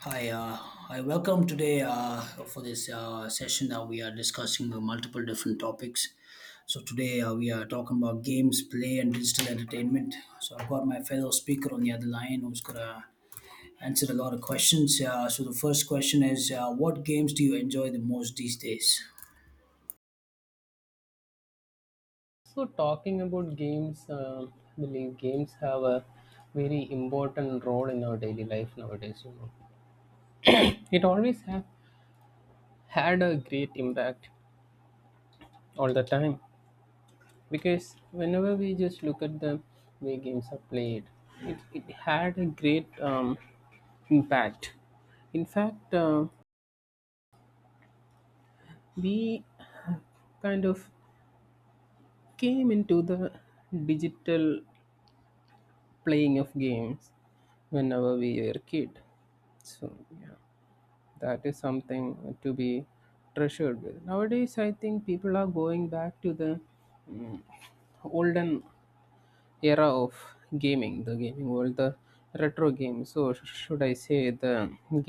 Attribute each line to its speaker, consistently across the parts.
Speaker 1: Hi, I welcome today for this session. We are discussing multiple different topics. So today we are talking about games, play, and digital entertainment. So I've got my fellow speaker on the other line who's gonna answer a lot of questions. So the first question is, what games do you enjoy the most these days?
Speaker 2: So, talking about games, I believe games have a very important role in our daily life nowadays. You know, it always have had a great impact all the time because whenever we just look at the way games are played, it had a great impact. In fact, we kind of came into the digital playing of games whenever we were a kid. So, yeah, that is something to be treasured with. Nowadays I think people are going back to the olden era of gaming, the gaming world, the retro games, or should I say the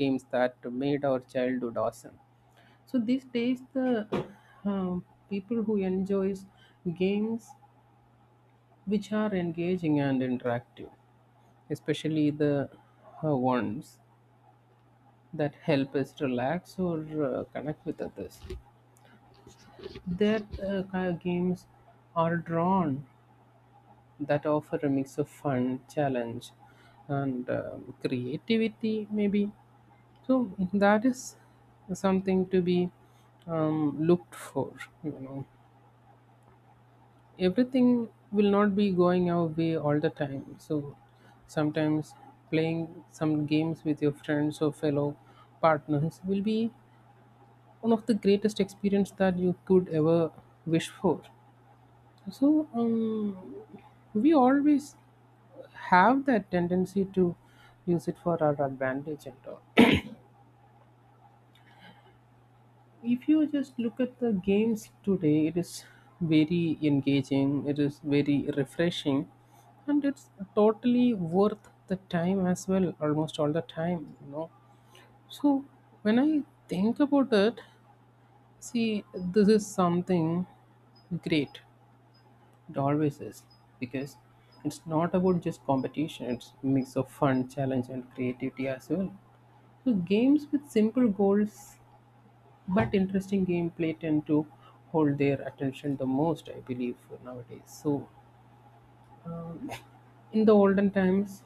Speaker 2: games that made our childhood awesome. So these days, the um, people who enjoys games which are engaging and interactive, especially the ones that help us relax or connect with others. Their games are drawn that offer a mix of fun, challenge, and creativity, maybe. So that is something to be looked for. You know, everything will not be going our way all the time. So sometimes playing some games with your friends or fellow partners will be one of the greatest experience that you could ever wish for. So we always have that tendency to use it for our advantage and all. If you just look at the games today, it is very engaging, it is very refreshing, and it's totally worth the time as well, almost all the time, you know. So when I think about it, see, this is something great. It always is, because it's not about just competition, it's a mix of fun, challenge, and creativity as well. So, games with simple goals but interesting gameplay tend to hold their attention the most, I believe, nowadays. So, um, in the olden times,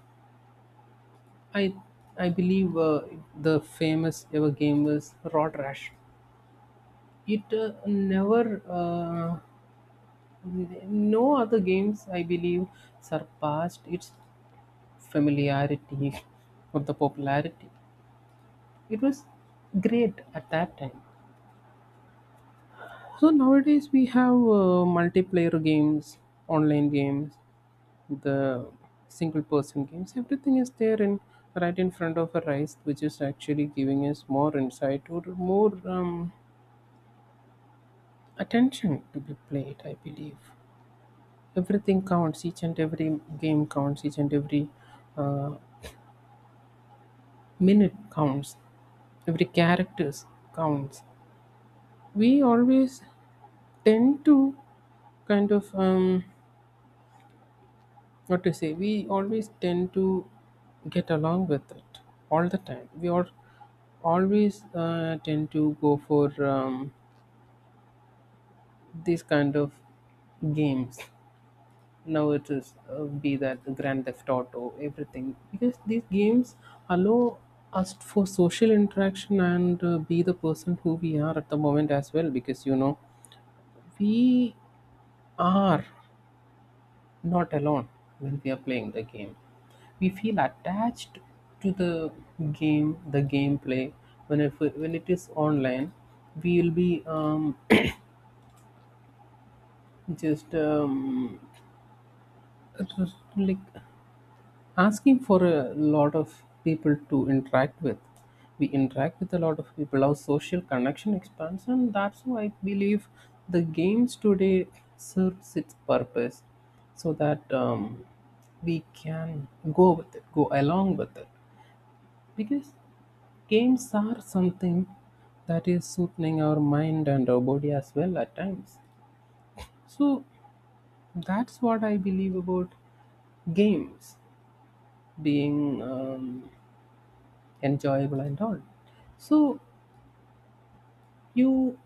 Speaker 2: I I believe the famous ever game was Rod Rash. It never, n- no other games I believe surpassed its familiarity or the popularity. It was great at that time. So nowadays we have multiplayer games, online games, the single person games, everything is there in right in front of our eyes, which is actually giving us more insight or more attention to be played. I believe everything counts, each and every game counts, each and every uh, minute counts, every characters counts. We always tend to kind of what to say we always tend to get along with it all the time. We are always tend to go for these kind of games, now it is be that grand theft auto, everything, because these games allow us for social interaction and be the person who we are at the moment as well, because you know we are not alone when we are playing the game. We feel attached to the game, the gameplay. When it is online, we will be just um, just like asking for a lot of people to interact with. We interact with a lot of people, our social connection expands, and that's why I believe the games today serves its purpose, so that we can go along with it, because games are something that is soothing our mind and our body as well at times. So that's what I believe about games being enjoyable and all. So, you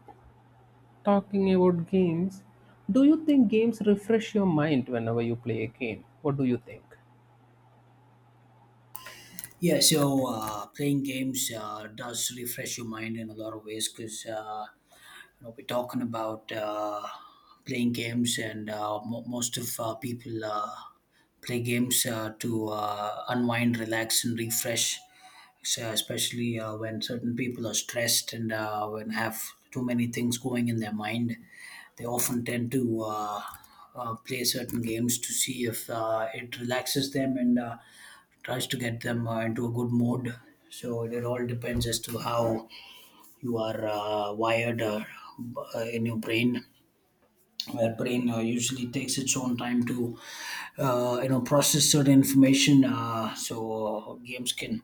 Speaker 2: talking about games, do you think games refresh your mind whenever you play a game? What do you think?
Speaker 1: Yeah, so playing games does refresh your mind in a lot of ways because we're talking about playing games, and mo most of people play games to unwind, relax, and refresh. So especially when certain people are stressed and when have too many things going in their mind, they often tend to play certain games to see if it relaxes them and tries to get them into a good mode. So it all depends as to how you are wired in your brain. Where brain usually takes its own time to, process certain information. So games can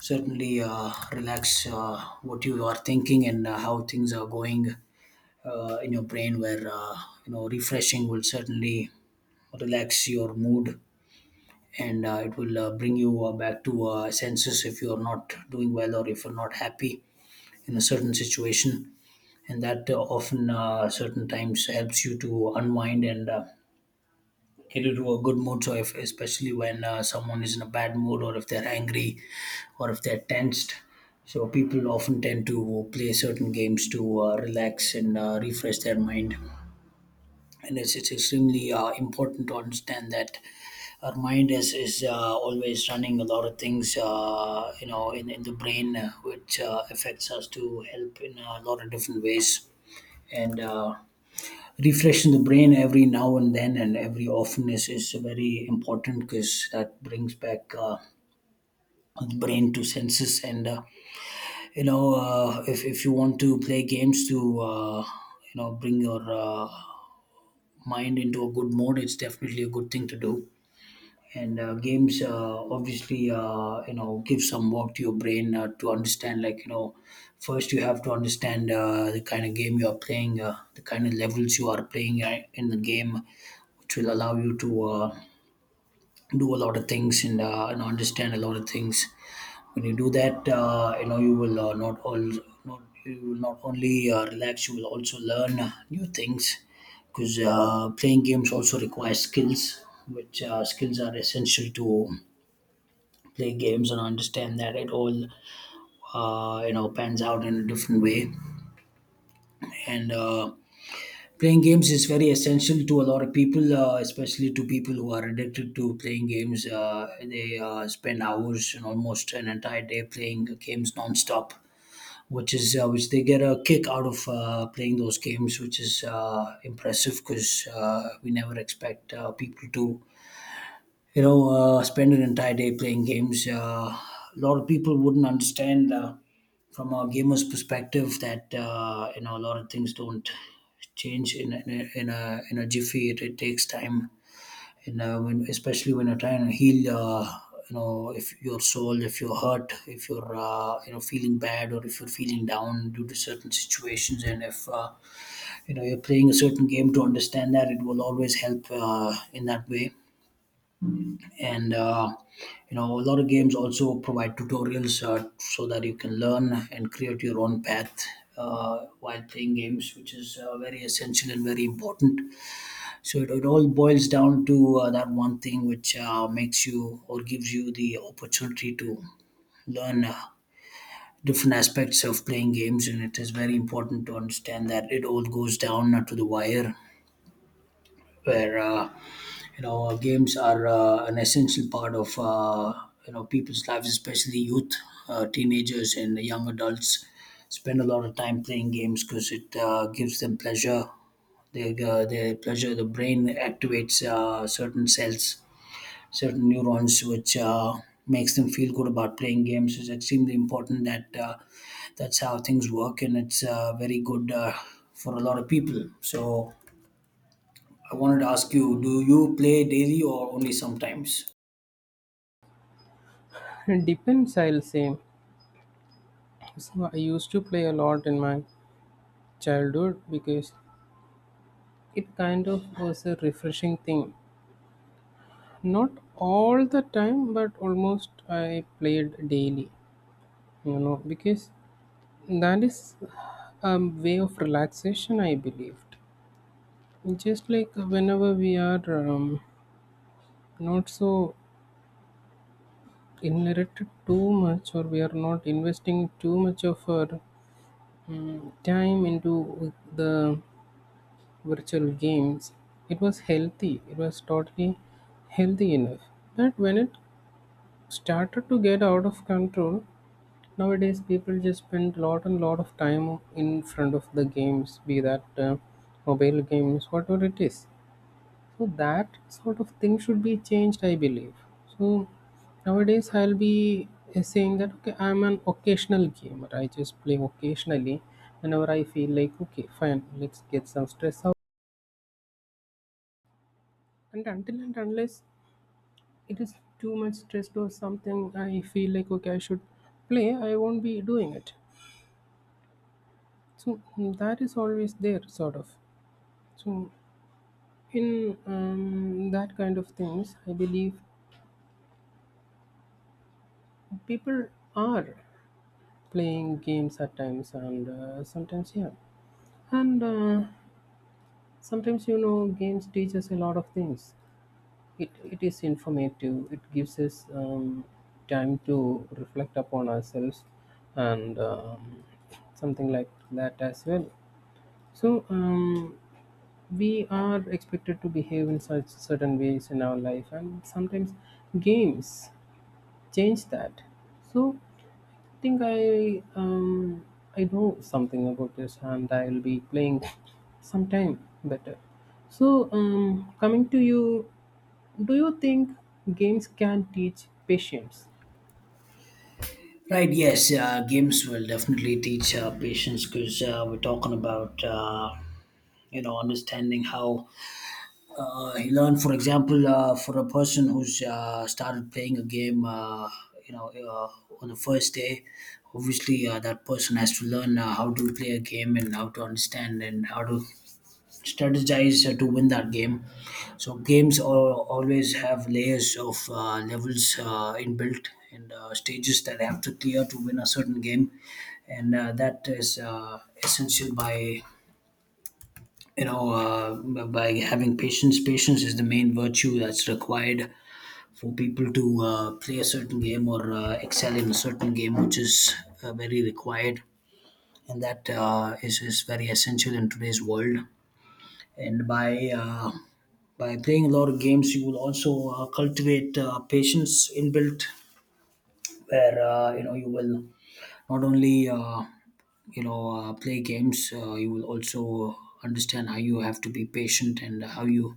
Speaker 1: certainly relax what you are thinking and how things are going in your brain where refreshing will certainly relax your mood, and it will bring you back to senses if you are not doing well or if you're not happy in a certain situation, and that often certain times helps you to unwind and get into a good mood. So if especially when someone is in a bad mood, or if they're angry or if they're tensed, so people often tend to play certain games to relax and refresh their mind. And it's extremely important to understand that our mind is always running a lot of things, in the brain, which affects us to help in a lot of different ways. And refreshing the brain every now and then and every often is very important, because that brings back the brain to senses. And if you want to play games to bring your mind into a good mode, it's definitely a good thing to do. And games obviously give some work to your brain to understand, like first you have to understand the kind of game you are playing, the kind of levels you are playing in the game, which will allow you to do a lot of things and understand a lot of things. When you do that, you will not all not you will not only relax, you will also learn new things, because playing games also requires skills, which skills are essential to play games, and understand that it all pans out in a different way and. Playing games is very essential to a lot of people, especially to people who are addicted to playing games. They spend hours and almost an entire day playing games nonstop, which is which they get a kick out of playing those games, which is impressive, because we never expect people to spend an entire day playing games. A lot of people wouldn't understand from a gamer's perspective that a lot of things don't change in a jiffy. It takes time, and especially when you're trying to heal. If your soul, if you're hurt, if you're feeling bad, or if you're feeling down due to certain situations, and if you're playing a certain game to understand that, it will always help in that way. And a lot of games also provide tutorials so that you can learn and create your own path while playing games, which is very essential and very important. So it all boils down to that one thing which makes you or gives you the opportunity to learn different aspects of playing games, and it is very important to understand that it all goes down to the wire, where games are an essential part of people's lives, especially youth, teenagers and young adults spend a lot of time playing games because it gives them pleasure. Their pleasure, the brain activates certain cells, certain neurons, which makes them feel good about playing games. It's extremely important that that's how things work, and it's very good for a lot of people. So I wanted to ask you, do you play daily or only sometimes?
Speaker 2: It depends, I'll say. So, I used to play a lot in my childhood because it kind of was a refreshing thing. Not all the time, but almost I played daily, you know, because that is a way of relaxation, I believed. Just like whenever we are not so inherited too much, or we are not investing too much of our time into the virtual games, it was healthy, it was totally healthy enough. But when it started to get out of control, nowadays people just spend lot and lot of time in front of the games, be that mobile games, whatever it is. So that sort of thing should be changed, I believe. So nowadays I'll be saying that okay, I'm an occasional gamer. I just play occasionally whenever I feel like okay, fine, let's get some stress out. And until and unless it is too much stressed or something, I feel like okay, I should play. I won't be doing it. So that is always there, sort of. So in that kind of things, I believe people are playing games at times, and sometimes, yeah. And sometimes you know games teach us a lot of things. It is informative, it gives us time to reflect upon ourselves, and something like that as well. So we are expected to behave in such certain ways in our life, and sometimes games change that. So I think I know something about this and I'll be playing sometime better. So coming to you, do you think games can teach patience?
Speaker 1: Right, yes, games will definitely teach patience, because we're talking about, understanding how you learn. For example, for a person who's started playing a game, you know, uh, on the first day, obviously that person has to learn how to play a game and how to understand and how to strategize to win that game. So games always have layers of levels inbuilt and stages that have to clear to win a certain game, and that is essential by by having patience. Patience is the main virtue that's required for people to play a certain game or excel in a certain game, which is very required, and that is very essential in today's world. And by playing a lot of games, you will also cultivate patience inbuilt, where you will not only play games, you will also understand how you have to be patient and how you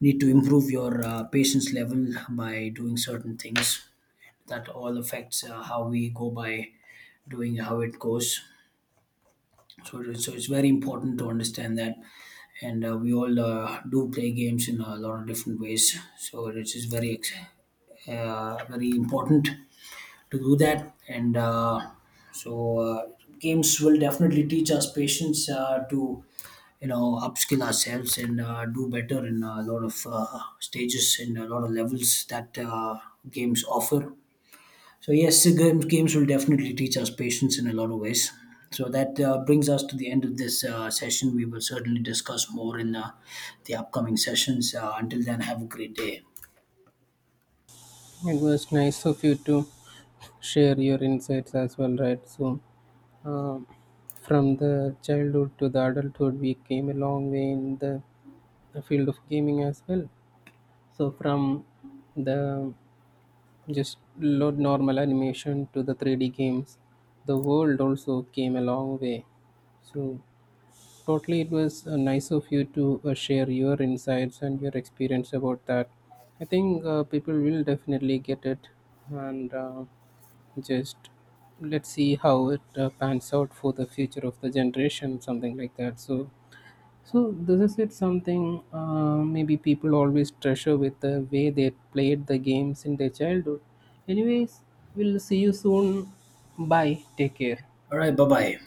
Speaker 1: need to improve your patience level by doing certain things. That all affects how we go by doing, how it goes. So, so it's very important to understand that. And we all do play games in a lot of different ways. So it is very, very important to do that. And so uh, games will definitely teach us patience to, upskill ourselves and do better in a lot of stages and a lot of levels that games offer. So yes, the games will definitely teach us patience in a lot of ways. So that brings us to the end of this session. We will certainly discuss more in the upcoming sessions. Until then, have a great day.
Speaker 2: It was nice of you to share your insights as well, right? So um, from the childhood to the adulthood, we came a long way in the field of gaming as well. So from the just load normal animation to the 3D games. The world also came a long way. So, totally, it was nice of you to share your insights and your experience about that. I think people will definitely get it, and just let's see how it pans out for the future of the generation, something like that. So, so this is it, something maybe people always treasure with the way they played the games in their childhood. Anyways, we'll see you soon. Bye. Take care.
Speaker 1: All right, bye bye.